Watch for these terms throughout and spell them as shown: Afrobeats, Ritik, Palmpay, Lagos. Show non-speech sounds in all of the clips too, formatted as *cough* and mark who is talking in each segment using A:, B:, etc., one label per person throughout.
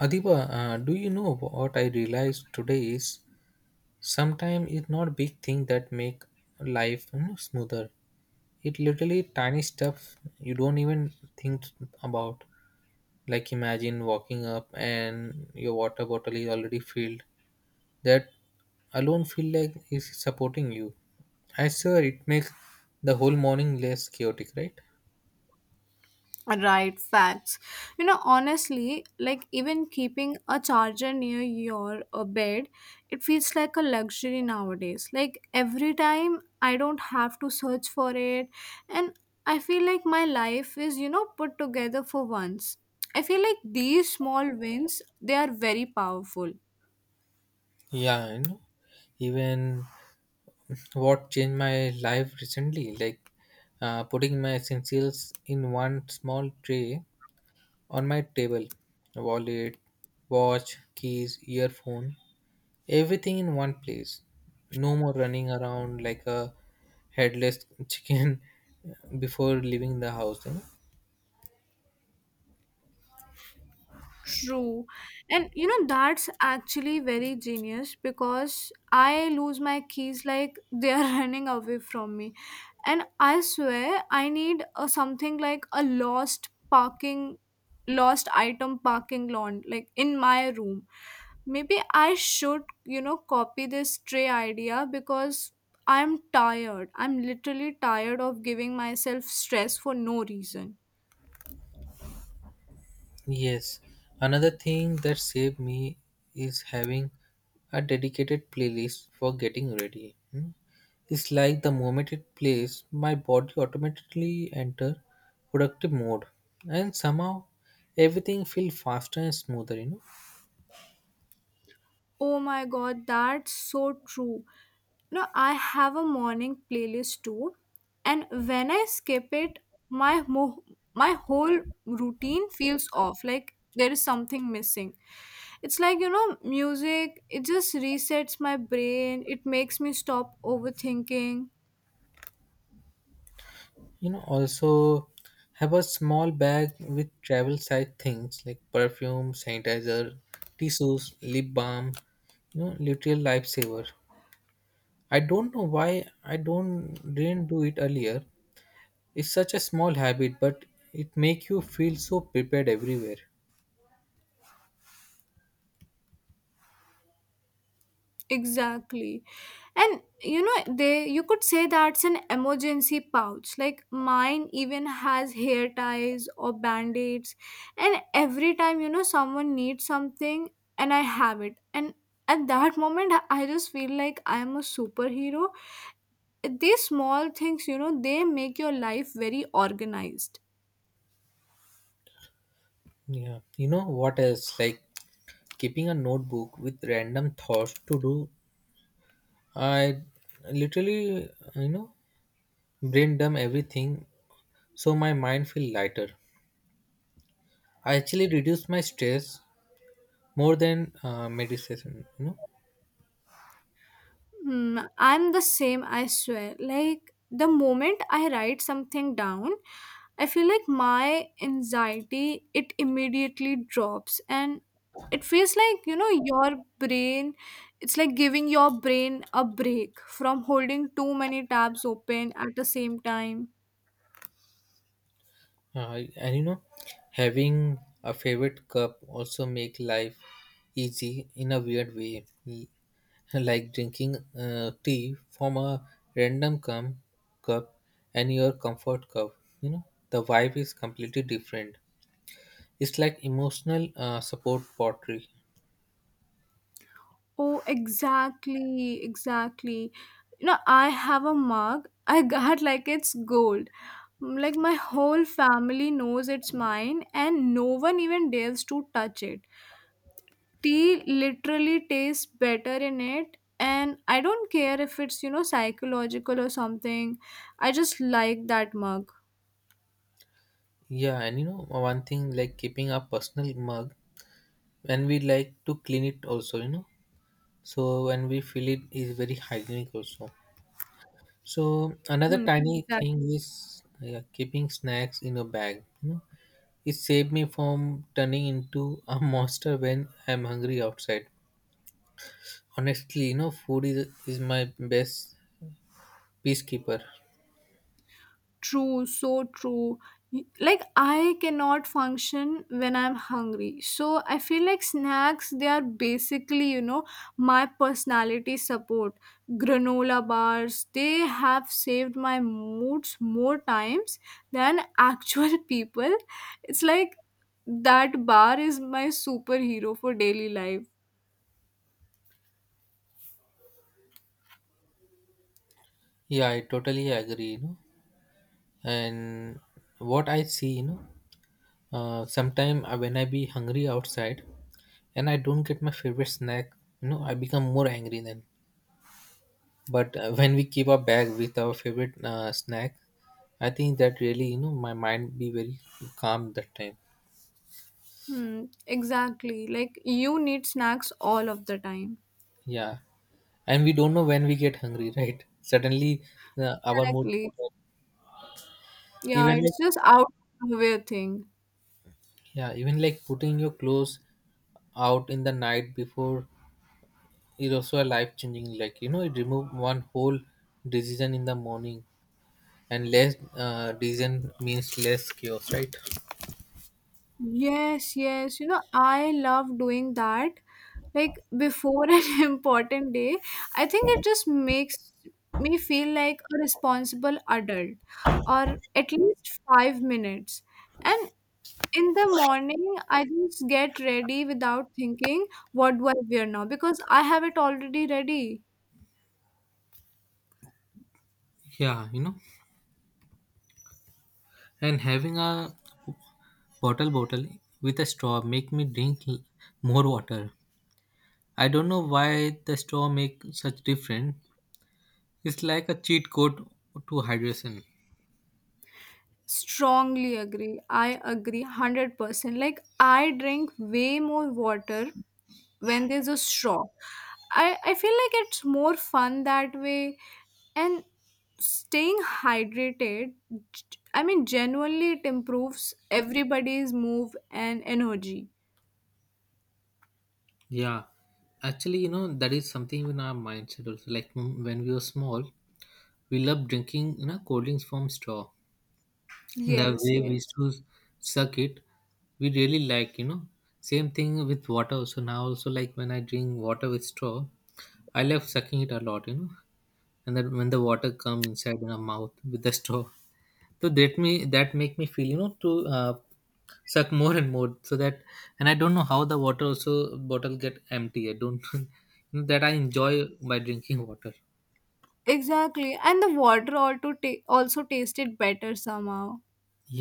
A: Adiba, do you know what I realized today is sometimes it's not big thing that make life smoother. It literally tiny stuff you don't even think about. Like imagine walking up and your water bottle is already filled. That alone feel like is supporting you. I swear it makes the whole morning less chaotic, right?
B: Right, facts. You know, honestly, like even keeping a charger near your bed, it feels like a luxury nowadays. Like every time I don't have to search for it, and I feel like my life is, you know, put together for once. I feel like these small wins, they are very powerful.
A: Yeah, I know. Even what changed my life recently, like putting my essentials in one small tray on my table wallet, watch, keys, earphone, everything in one place. No more running around like a headless *laughs* chicken before leaving the house. You know?
B: True. And you know, that's actually very genius because I lose my keys like they are *laughs* running away from me. And I swear I need a, something like a lost parking, lost item parking lawn, like in my room. Maybe I should, you know, copy this tray idea because I'm tired. I'm literally tired of giving myself stress for no reason.
A: Yes, another thing that saved me is having a dedicated playlist for getting ready. Hmm. It's like the moment it plays, my body automatically enter productive mode, and somehow everything feels faster and smoother.
B: Oh my god, that's so true. No, I have a morning playlist too, and when I skip it, my mo- my whole routine feels off. Like there is something missing. It's like you know, music. It just resets my brain. It makes me stop overthinking.
A: Also, have a small bag with travel size things like perfume, sanitizer, tissues, lip balm. You know, literal lifesaver. I don't know why I don't didn't do it earlier. It's such a small habit, but it make you feel so prepared everywhere.
B: Exactly. And you know, they you could say that's an emergency pouch. Like mine even has hair ties or band-aids. And every time, you know, someone needs something and I have it. And at that moment I just feel like I am a superhero. These small things, you know, they make your life very organized.
A: Yeah, you know what else? Like keeping a notebook with random thoughts to do. I literally, you know, brain dump everything so my mind feel lighter. I actually reduce my stress more than meditation. You know.
B: Hmm, I'm the same, I swear. Like, the moment I write something down, I feel like my anxiety, it immediately drops. And it feels like, you know, your brain, it's like giving your brain a break from holding too many tabs open at the same time.
A: And you know, having a favorite cup also make life easy in a weird way. *laughs* Like drinking tea from a random cum, cup and your comfort cup. You know, the vibe is completely different. It's like emotional support pottery.
B: Oh, exactly, exactly. You know, I have a mug. *laughs* I got like it's gold. Mm, like my whole family knows it's mine, and no one even dares to touch it. Tea literally tastes better in it, and I don't care if it's, you know, psychological or something. I just like that mug.
A: Yeah, and you know, one thing like keeping a personal mug, and we like to clean it also. You know, so when we fill it is very hygienic also. So another
B: Hmm,
A: tiny
B: exactly.
A: thing is keeping snacks in a bag. You know, it saved me from turning into a *laughs* monster when I'm hungry outside. Honestly, you know, food is my best peacekeeper.
B: True, so true. Like I cannot function when I'm hungry. So I feel like snacks they are basically, you know, my personality support. Granola bars, they have saved my moods more times than actual *laughs* people. It's like that bar is my superhero for daily life.
A: Yeah, I totally agree. You know, and what I see, you know, sometime when I be hungry outside and I don't get my favorite snack, you know, I become more angry then. But when we keep our bag with our favorite snack, I think that really you know my mind be very calm that time.
B: Hmm, exactly. Like you need snacks all of the time.
A: Yeah, and we don't know when we get hungry, *laughs* right? Suddenly, our mood
B: Exactly. Yeah,
A: even like
B: it's just out of the way thing.
A: yeah, even like putting your clothes out in the night before is also a life changing. Like you know, it remove one whole decision in the morning, and less decision means less chaos, right?
B: Yes, yes. You know, I love doing that. Like before an *laughs* important day, I think it just makes me feel like a responsible adult or at least 5 minutes. And in the morning, I just get ready without thinking, what do I wear now? Because I have it already ready.
A: Yeah, you know, and having a bottle with a straw make me drink more water. I don't know why the straw make such difference. It's like a cheat code to hydration.
B: Strongly agree. I agree 100%. Like, I drink way more water when there's a straw. I feel like it's more fun that way. And staying hydrated, g- I mean, genuinely, it improves everybody's move and energy.
A: Yeah, actually, you know that is something in our mindset also. Like when we were small, we loved drinking you know cold drinks from straw. The
B: Yes,
A: way we used
B: yes.
A: to suck it, we really like you know. Same thing with water. So now also like when I drink water with straw, I love sucking it a lot. You know, and that when the water come inside in our mouth with the straw so that me that make me feel you know to uh, suck more and more so that and I don't know how the water also bottle get empty. I don't *laughs* you know, that I enjoy by drinking water.
B: Exactly. And the water also, also tasted better somehow.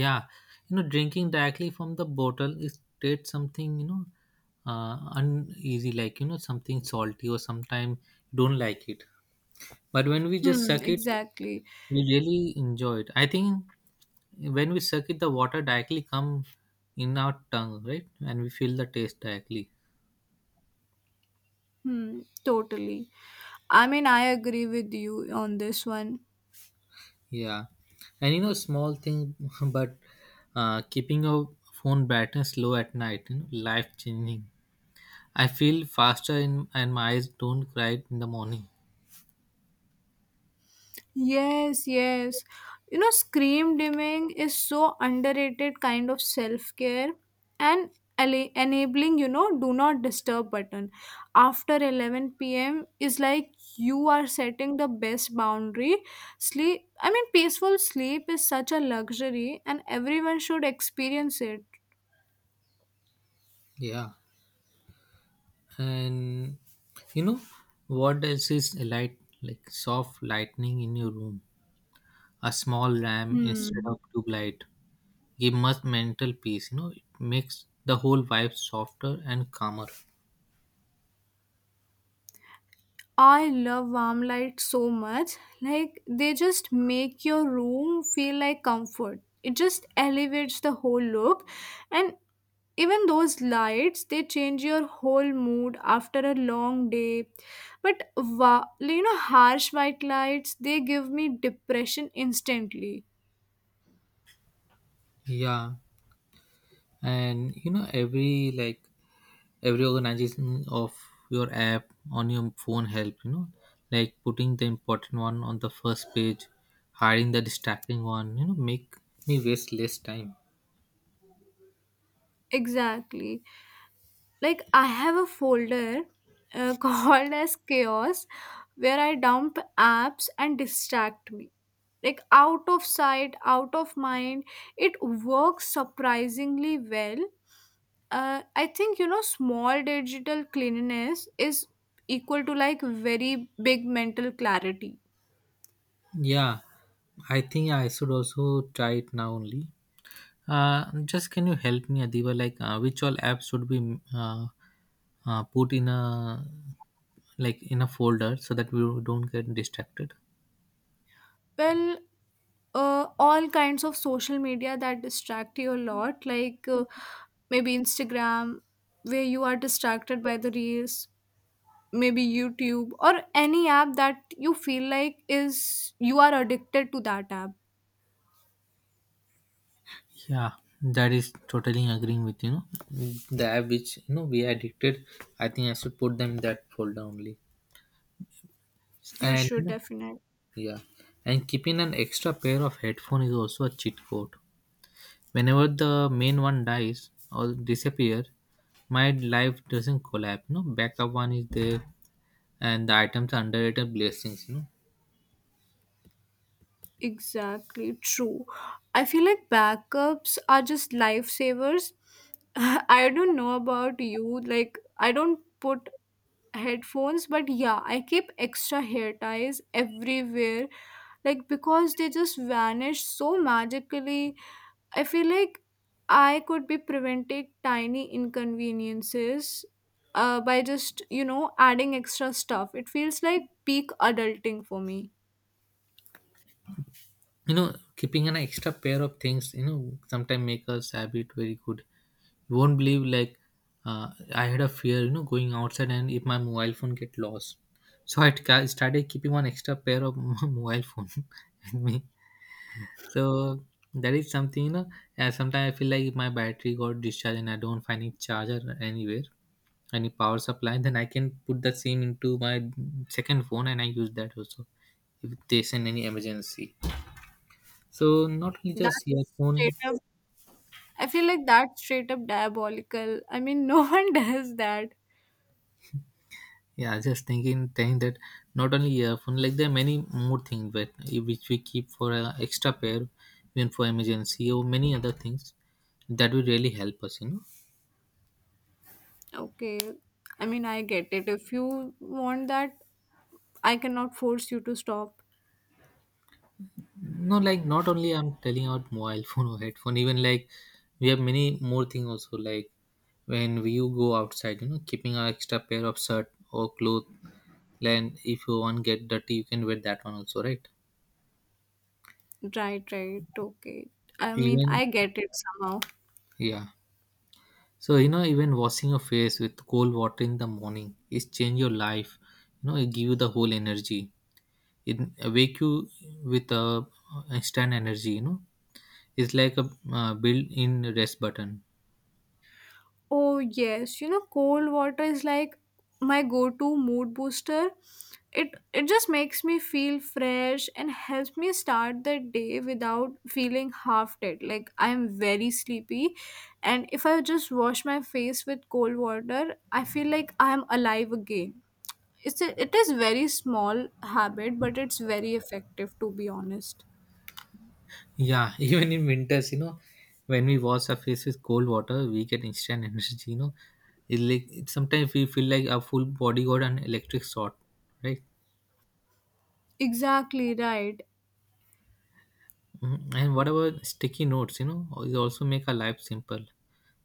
A: Yeah, you know drinking directly from the bottle is create something, you know, uneasy, like you know something salty or sometimes you don't like it, but when we just
B: Hmm,
A: suck it
B: exactly.
A: we really enjoy it. I think when we suck it the water directly come in our tongue, right, and we feel the taste directly.
B: Hmm, totally. I mean, I agree with you on this one.
A: Yeah, and you know small thing, *laughs* but keeping your phone brightness low at night, you know, life changing. I feel faster in, and my eyes don't cry in the morning.
B: Yes, yes. You know, scream dimming is so underrated kind of self care and enabling, you know, do not disturb button after 11 p.m. is like you are setting the best boundary. Sleep, I mean, peaceful sleep is such a luxury and everyone should experience it.
A: Yeah, and you know what else is a light, like soft lightning in your room, a small lamp instead
B: Hmm.
A: of tube light, give much mental peace, you know. It makes the whole vibe softer and calmer.
B: I love warm lights so much. Like they just make your room feel like comfort. It just elevates the whole look and even those lights they change your whole mood after a long day. But you know harsh white lights they give me depression instantly.
A: Yeah, and you know every like every organization of your app on your phone help, you know, like putting the important one on the first page, hiding the distracting one, you know, make me waste less time.
B: Exactly. Like I have a folder *laughs* called as chaos where I dump apps and distract me, like out of sight out of mind. It works surprisingly well. I think you know small digital cleanliness is equal to like very big mental clarity.
A: Yeah, I think I should also try it now only. Just can you help me, Adiba? Like, which all apps should be put in a like in a folder so that we don't get distracted?
B: Well, all kinds of social media that distract you a lot, like maybe Instagram, where you are distracted by the reels, maybe YouTube, or any app that you feel like is you are addicted to that app.
A: Yeah, that is totally agreeing with you. Know? The app which you know we are addicted, I think I should put them in that folder only.
B: You
A: And you
B: should
A: know,
B: definitely.
A: yeah, and keeping an extra pair of headphone is also a cheat code. Whenever the main one dies or disappear, my life doesn't collapse. No backup one is there and the items are underrated blessings, you know.
B: Exactly true. I feel like backups are just lifesavers. *sighs* *laughs* I don't know about you. Like, I don't put headphones but yeah I keep extra hair ties everywhere, like because they just vanish so magically. I feel like I could be preventing tiny inconveniences by just you know adding extra stuff. It feels like peak adulting for me.
A: You know keeping an extra pair of things, you know, sometimes make us habit very good. You won't believe like I had a fear, you know, going outside and if my mobile phone get lost, so started keeping one extra pair of *laughs* mobile phone *laughs* with me. So that is something, you know, sometimes I feel like if my battery got discharged and I don't find it charger anywhere, any power supply, then I can put that sim into my second phone and I use that also if they send any emergency. So not only
B: That
A: just earphone.
B: straight up, I feel like that's straight up diabolical. I mean no *laughs* one does that.
A: Yeah, just thinking that not only earphone, like there are many more things but which we keep for a extra pair even for emergency or many other things that will really help us, you know.
B: Okay, I mean I get it if you want that. I cannot force you to stop.
A: No, like not only I'm telling out mobile phone or headphone, even like we have many more thing also like when we you go outside, you know, keeping an extra pair of shirt or cloth, then if you want get dirty you can wear that one also, right?
B: Right, right. Okay. I mean,
A: Even
B: I get it somehow.
A: yeah, so you know even washing your face with cold water in the morning is change your life, you know. It give you the whole energy. It wake you with a instant energy, you know. It's like a built in rest button.
B: Oh, yes. You know, cold water is like my go-to mood booster. It just makes me feel fresh and helps me start the day without feeling half dead. Like I'm very sleepy, and if I just wash my face with cold water, I feel like I'm alive again. It is very small habit, but it's very effective to be honest.
A: Yeah, *laughs* even in winters, you know, when we wash our face with cold water, we get instant *laughs* energy. You know, it like it, sometimes we feel like our full body got an electric shot, right?
B: Exactly right.
A: Mhm. And whatever sticky notes, you know, it also make our life simple,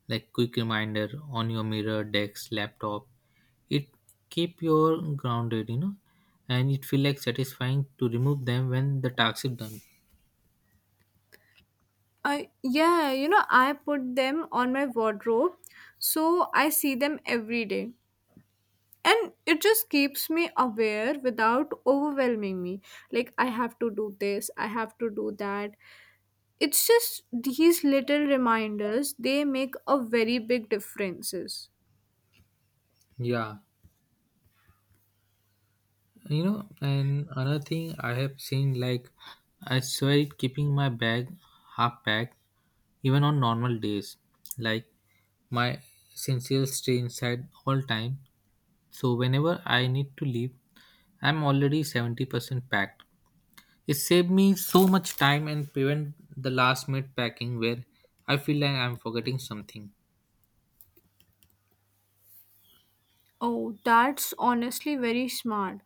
A: like quick reminder on your mirror, desk, laptop. It keep your grounded, you know, and it feel like satisfying to remove them when the task is done.
B: Yeah, you know, I put them on my wardrobe so I see them every day. And it just keeps me aware without overwhelming me. Like, I have to do this, I have to do that. It's just these little reminders, they make a very big differences.
A: Yeah, you know, and another thing I have seen, like I swear keeping my bag half packed even on normal days, like my essentials stay inside all time, so whenever I need to leave I'm already 70% packed. It saved me so much time and prevent the last minute packing where I feel like I'm forgetting something.
B: Oh, that's honestly very smart.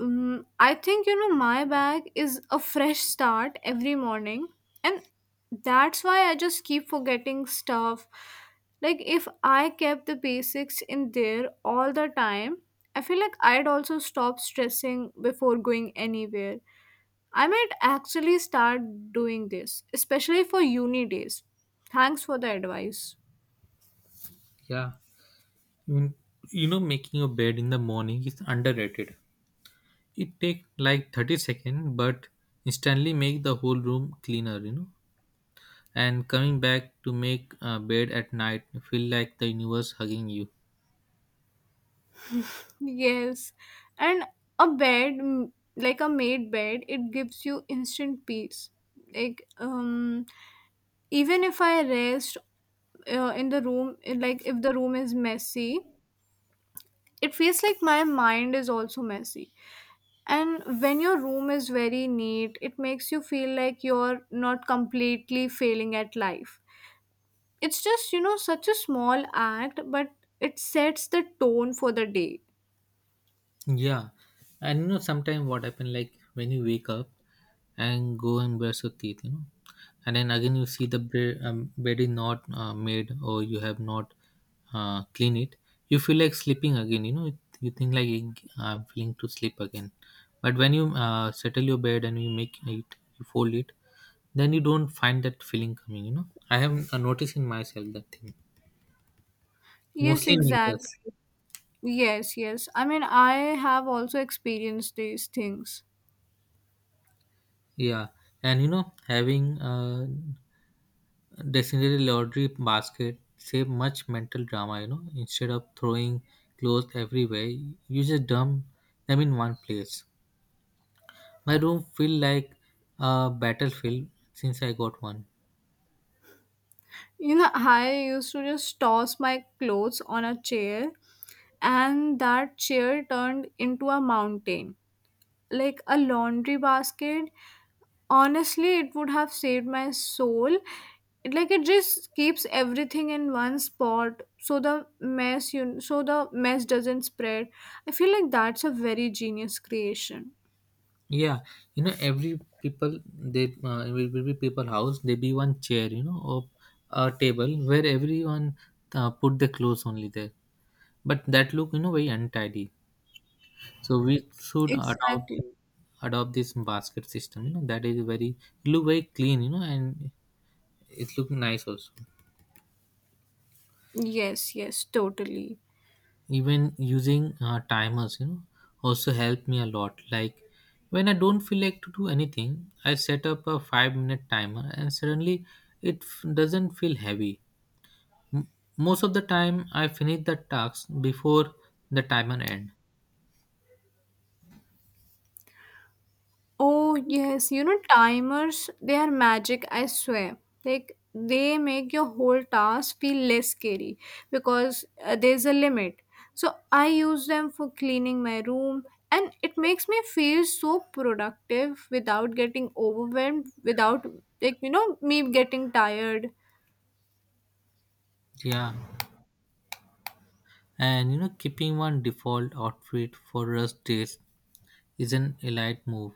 B: I think you know my bag is a fresh start every morning, and that's why I just keep forgetting stuff. Like, if I kept the basics in there all the time, I feel like I'd also stop stressing before going anywhere. I might actually start doing this, especially for uni days. Thanks for the advice.
A: Yeah, you you know making your bed in the morning is underrated. It take like 30 seconds, but instantly make the whole room cleaner, you know. And coming back to make a bed at night feel like the universe hugging you.
B: Yes, and a bed, mm, like a made bed, it gives you instant peace. Like, even if I rest in the room, like if the room is messy, it feels like my mind is also messy. And when your room is very neat, it makes you feel like you're not completely failing at life. It's just, you know, such a small act, but it sets the tone for the day.
A: Yeah, and you know, sometimes what happen like when you wake up and go and brush your teeth, you know, and then again you see the bed, bed is not made or you have not clean it. You feel like sleeping again, you know. You think like I'm feeling to sleep again, but when you settle your bed and you make it, you fold it, then you don't find that feeling coming. You know, I have noticed in myself that thing
B: Yes,
A: mostly in winters.
B: exactly. Yes, yes. I mean, I have also experienced these things.
A: Yeah, and you know, having a designated laundry basket save much mental drama. You know, instead of throwing clothes everywhere, you just dump them in one place. My room feel like a battlefield since I got one.
B: You know, I used to just toss my clothes on a chair, and that chair turned into a mountain. Like a laundry basket, honestly, it would have saved my soul. Like it just keeps everything in one spot so the mess you so the mess doesn't spread. I feel like that's a very genius creation.
A: Yeah, you know, every people they will be people house. There be one chair, you know, or a table where everyone put their clothes only there. But that look, you know, very untidy. So we should
B: Exactly.
A: adopt this basket system. You know that is very it look very clean. You know and it look nice also.
B: Yes, yes, totally.
A: Even using timers, you know, also helped me a lot. Like when I don't feel like to do anything, I set up a 5 minute timer, and suddenly doesn't feel heavy. M- Most of the time, I finish the tasks before the timer end.
B: Oh, yes, you know, timers, they are magic, I swear. Like, they make your whole task feel less scary because there's a limit. So, I use them for cleaning my room, and it makes me feel so productive without getting overwhelmed, without, like, you know, me getting tired.
A: Yeah, and you know, keeping one default outfit for rest days is an elite move.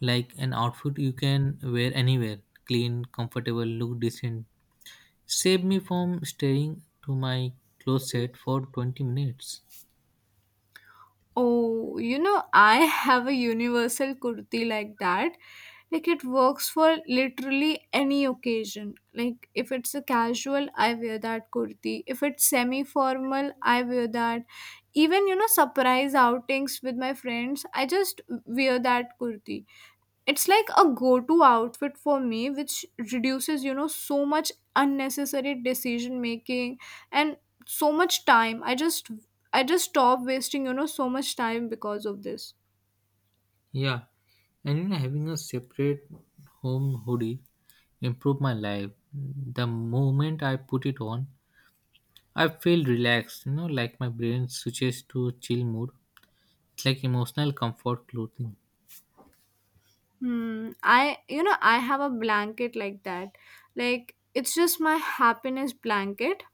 A: Like an outfit you can wear anywhere, clean, comfortable, look decent, save me from staring to my closet for 20 minutes.
B: Oh, you know, I have a universal kurti like that. Like it works for literally any occasion. Like if it's a casual, I wear that kurti. If it's semi-formal, I wear that. Even, you know, surprise outings with my friends, I just wear that kurti. It's like a go to outfit for me, which reduces, you know, so much unnecessary decision making and so much time. I just stop wasting, you know, so much time because of this.
A: Yeah, and you know, having a separate home hoodie improved my life the moment I put it on. I feel relaxed, you know, like my brain switches to chill mode. It's like emotional comfort clothing.
B: Hmm. I, you know, I have a blanket like that. Like, it's just my happiness blanket.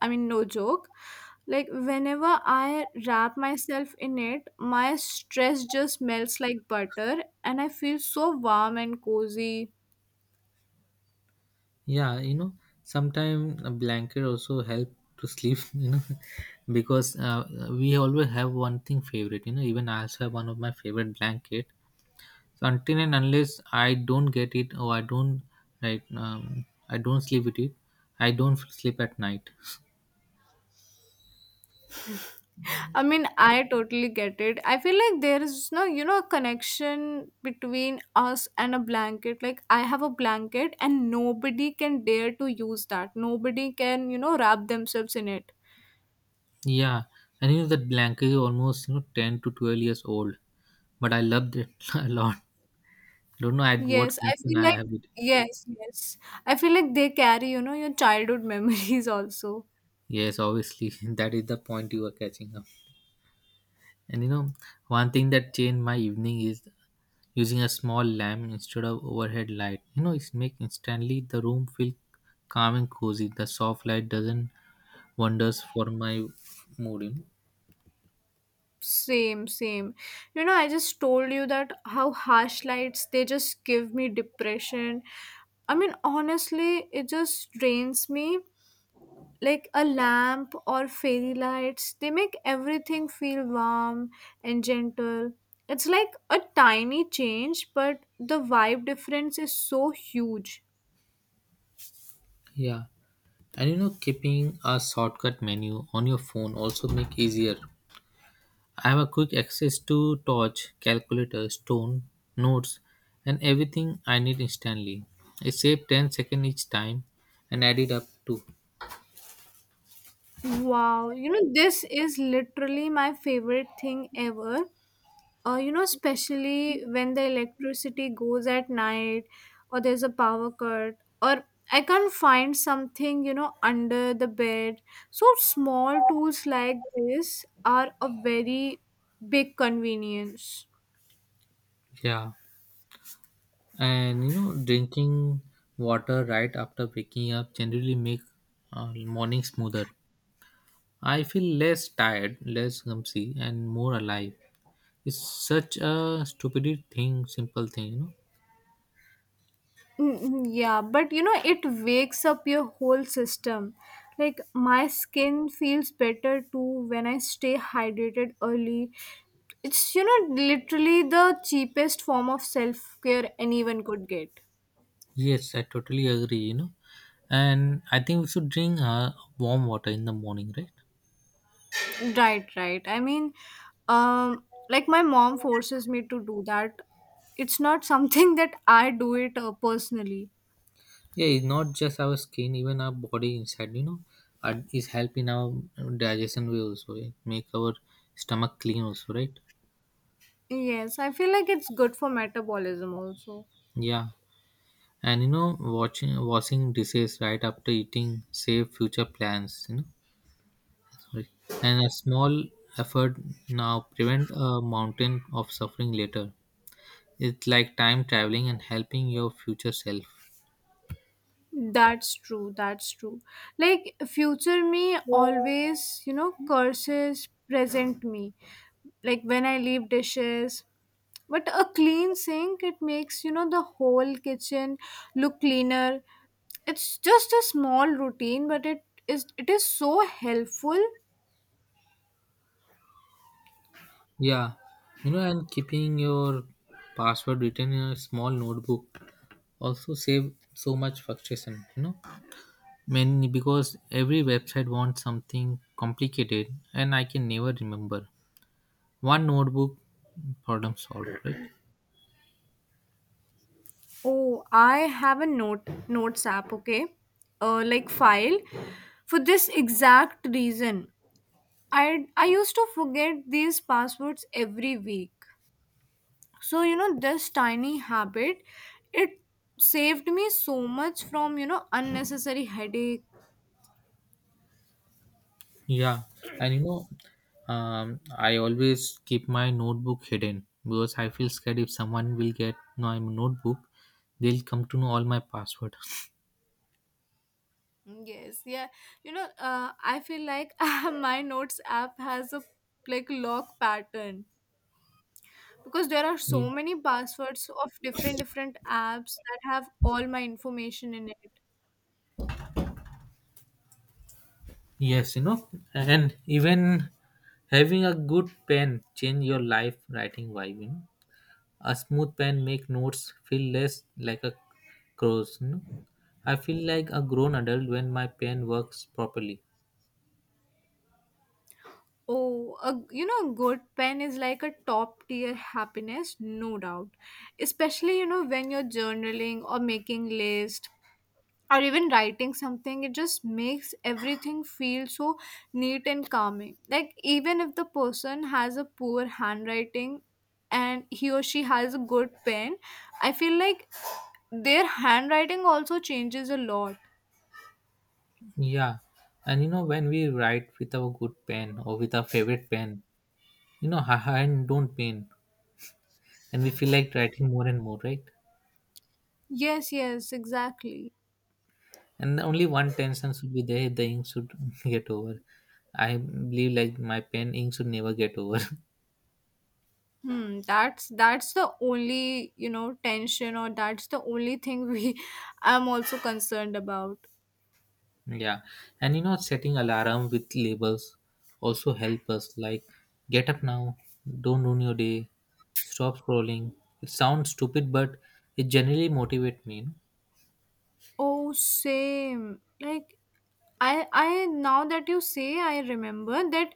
B: I mean, no joke. Like, whenever I wrap myself in it, my stress just melts like butter and I feel so warm and cozy.
A: Yeah, you know, sometimes a blanket also help to sleep, *laughs* you know, because we always have one thing favorite, you know, even I also have one of my favorite blanket. So until and unless I don't get it or I don't like I don't sleep with it, I don't sleep at night.
B: I mean, I totally get it. I feel like there is no, you know, a connection between us and a blanket. Like, I have a blanket and nobody can dare to use that. Nobody can, you know, wrap themselves in it.
A: Yeah, and you know that blanket is almost you know 10 to 12 years old, but I loved it *laughs* a lot. Don't know at what
B: Yes, I
A: connection
B: feel
A: I
B: like,
A: have it.
B: yes, yes. I feel like they carry, you know, your childhood *laughs* memories also.
A: Yes, obviously *laughs* that is the point you are catching up. And you know, one thing that changed my evening is using a small lamp instead of overhead light. You know, it make instantly the room feel calm and cozy. The soft light doesn't wonders for my mood, you know.
B: Same, same. You know, I just told you that how harsh lights, they just give me depression. I mean, honestly, it just drains me like a lamp or fairy lights. They make everything feel warm and gentle. It's like a tiny change but the vibe difference is so huge.
A: Yeah, and you know, keeping a shortcut menu on your phone also make easier. I have a quick access to torch, calculator, stone, notes, and everything I need instantly. It saved 10 seconds each time and added up to
B: Wow, you know this is literally my favorite thing ever. You know, especially when the electricity goes at night or there's a power cut or I can't find something, you know, under the bed. So small tools like this are a very big convenience.
A: yeah. And you know drinking water right after waking up generally make morning smoother. I feel less tired, less clumsy and more alive. It's such a stupid thing, simple thing, you know.
B: Mm, yeah, but you know, it wakes up your whole system. Like, my skin feels better too when I stay hydrated early. It's, you know, literally the cheapest form of self care anyone could get.
A: Yes, I totally agree, you know, and I think we should drink warm water in the morning, right?
B: Right, right. I mean, like, my mom forces me to do that. It's not *laughs* something that I do it personally.
A: Yeah, it's not just our skin, even our body inside, you know, is helping our digestion way, also it make our stomach clean also, right?
B: Yes, I feel like it's good for metabolism also.
A: Yeah. And you know, watching washing dishes right after eating save future plans. You know, sorry. And a small effort now prevent a mountain of suffering later. It's like time traveling and helping your future self.
B: That's true. That's true. Like future me always, you know, curses present me. Like when I leave dishes. But a clean sink, it makes, you know, the whole kitchen look cleaner. It's just a small routine, but it is so helpful.
A: Yeah, you know, and keeping your password written in a small notebook also save so much frustration. You know, many because every website wants something complicated, and I can never remember. One notebook, problem solved, right?
B: Oh, I have a notes app, okay? Like file for this exact reason. I used to forget these passwords every week. So you know this tiny habit, it saved me so much from you know unnecessary headache.
A: Yeah, and you know I always keep my notebook hidden because I feel scared if someone will get my notebook, they'll come to know all my password.
B: Mm, yes, yeah. You know, I feel like *laughs* my notes app has a like lock pattern because there are
A: *laughs*
B: so
A: Ye-
B: many passwords of different apps that have all my information in it.
A: yes, you know, and even having a good pen change your life writing vibe, you know. A smooth pen make notes feel less like a cross, you know. I feel like a grown adult when my pen works properly.
B: Oh, a, you know, good pen is like a top tier happiness, no doubt. Especially, you know, when you're journaling or making list or even writing something, it just makes everything feel so neat and calming. Like even if the person has a poor handwriting and he or she has a good pen, I feel like their handwriting also changes a lot.
A: Yeah, and you know when we write with our good pen or with our favorite pen, you know our hand don't pain, and we feel like writing more and more, right?
B: Yes, yes, exactly.
A: And only one tension should be there: the ink should *laughs* get over. I believe like my pen ink should never get over.
B: Hmm, that's the only, you know, tension or that's the only thing we *laughs* I'm also concerned about.
A: *laughs* Yeah, and you know setting alarm with labels also help us. Like get up now, don't ruin your day, stop scrolling. It sounds stupid, but it generally motivate me.
B: Oh, same. Like I now that you say I remember that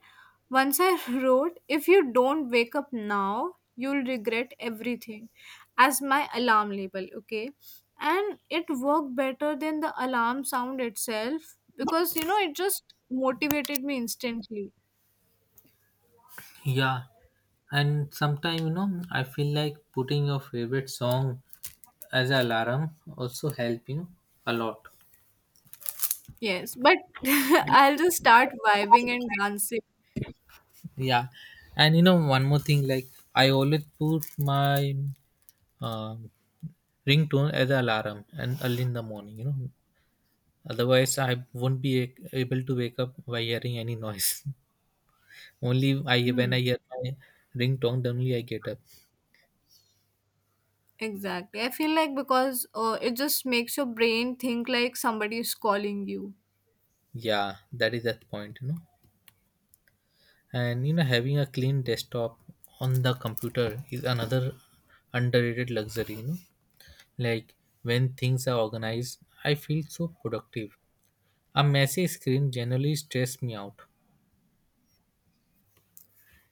B: once I *laughs* wrote if you don't wake up now, you'll regret everything as my alarm label, okay? And it worked better than the alarm sound itself because you know it just motivated me instantly.
A: Yeah, and sometimes you know I feel like putting your favorite song as an alarm also help, you know, a lot.
B: Yes, but *laughs* I'll just start vibing and dancing.
A: Yeah, and you know one more thing, like I always put my um, ringtone as an alarm and early in the morning. You know, otherwise I won't be able to wake up by hearing any noise. *laughs* Only I
B: Hmm,
A: when I hear my ringtone, then only I get up.
B: exactly. I feel like because it just makes your brain think like somebody is calling you.
A: Yeah, that is that point, you know. And you know having a clean desktop on the computer is another underrated luxury, you know. Like when things are organized I feel so productive. A messy screen generally stress me out.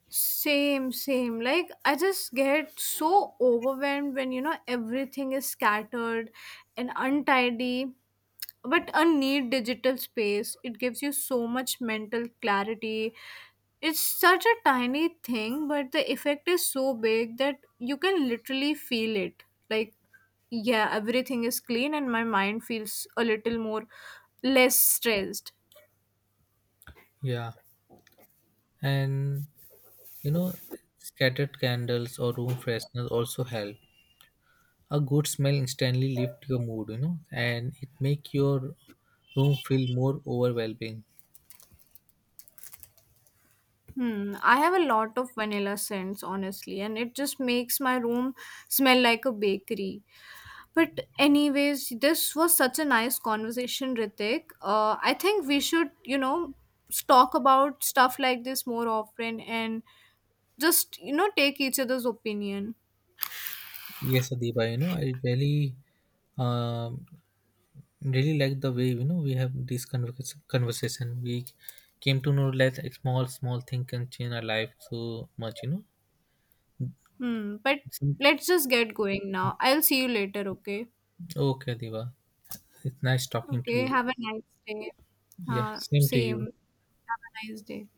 B: Same, same. Like, I just get so overwhelmed when, you know, everything is scattered and untidy. But a neat digital space, it gives you so much mental clarity. It's such a tiny thing, but the effect is so big that you can literally feel it. Like, yeah, everything is clean and my mind feels a little more less stressed.
A: Yeah, and you know scattered candles or room fresheners also help. A good smell instantly lift your mood, you know, and it make your room feel more overwhelming.
B: Hmm, I have a lot of vanilla scents, honestly, and it just makes my room smell like a bakery. But, anyways, this was such a nice conversation, Ritik. I think we should, you know, talk about stuff like this more often and just, you know, take each other's opinion.
A: Yes, Adiba, you know, I really, um, really like the way you know we have this conversation. We came to know that a small, small thing can change our life so much, you know.
B: Hmm, but
A: It's-
B: let's just get going now. I'll see you later, okay?
A: Okay, Adiba, it's nice talking to
B: Okay,
A: you.
B: have a nice day.
A: Yeah, same to
B: Same.
A: you.
B: Have a nice day.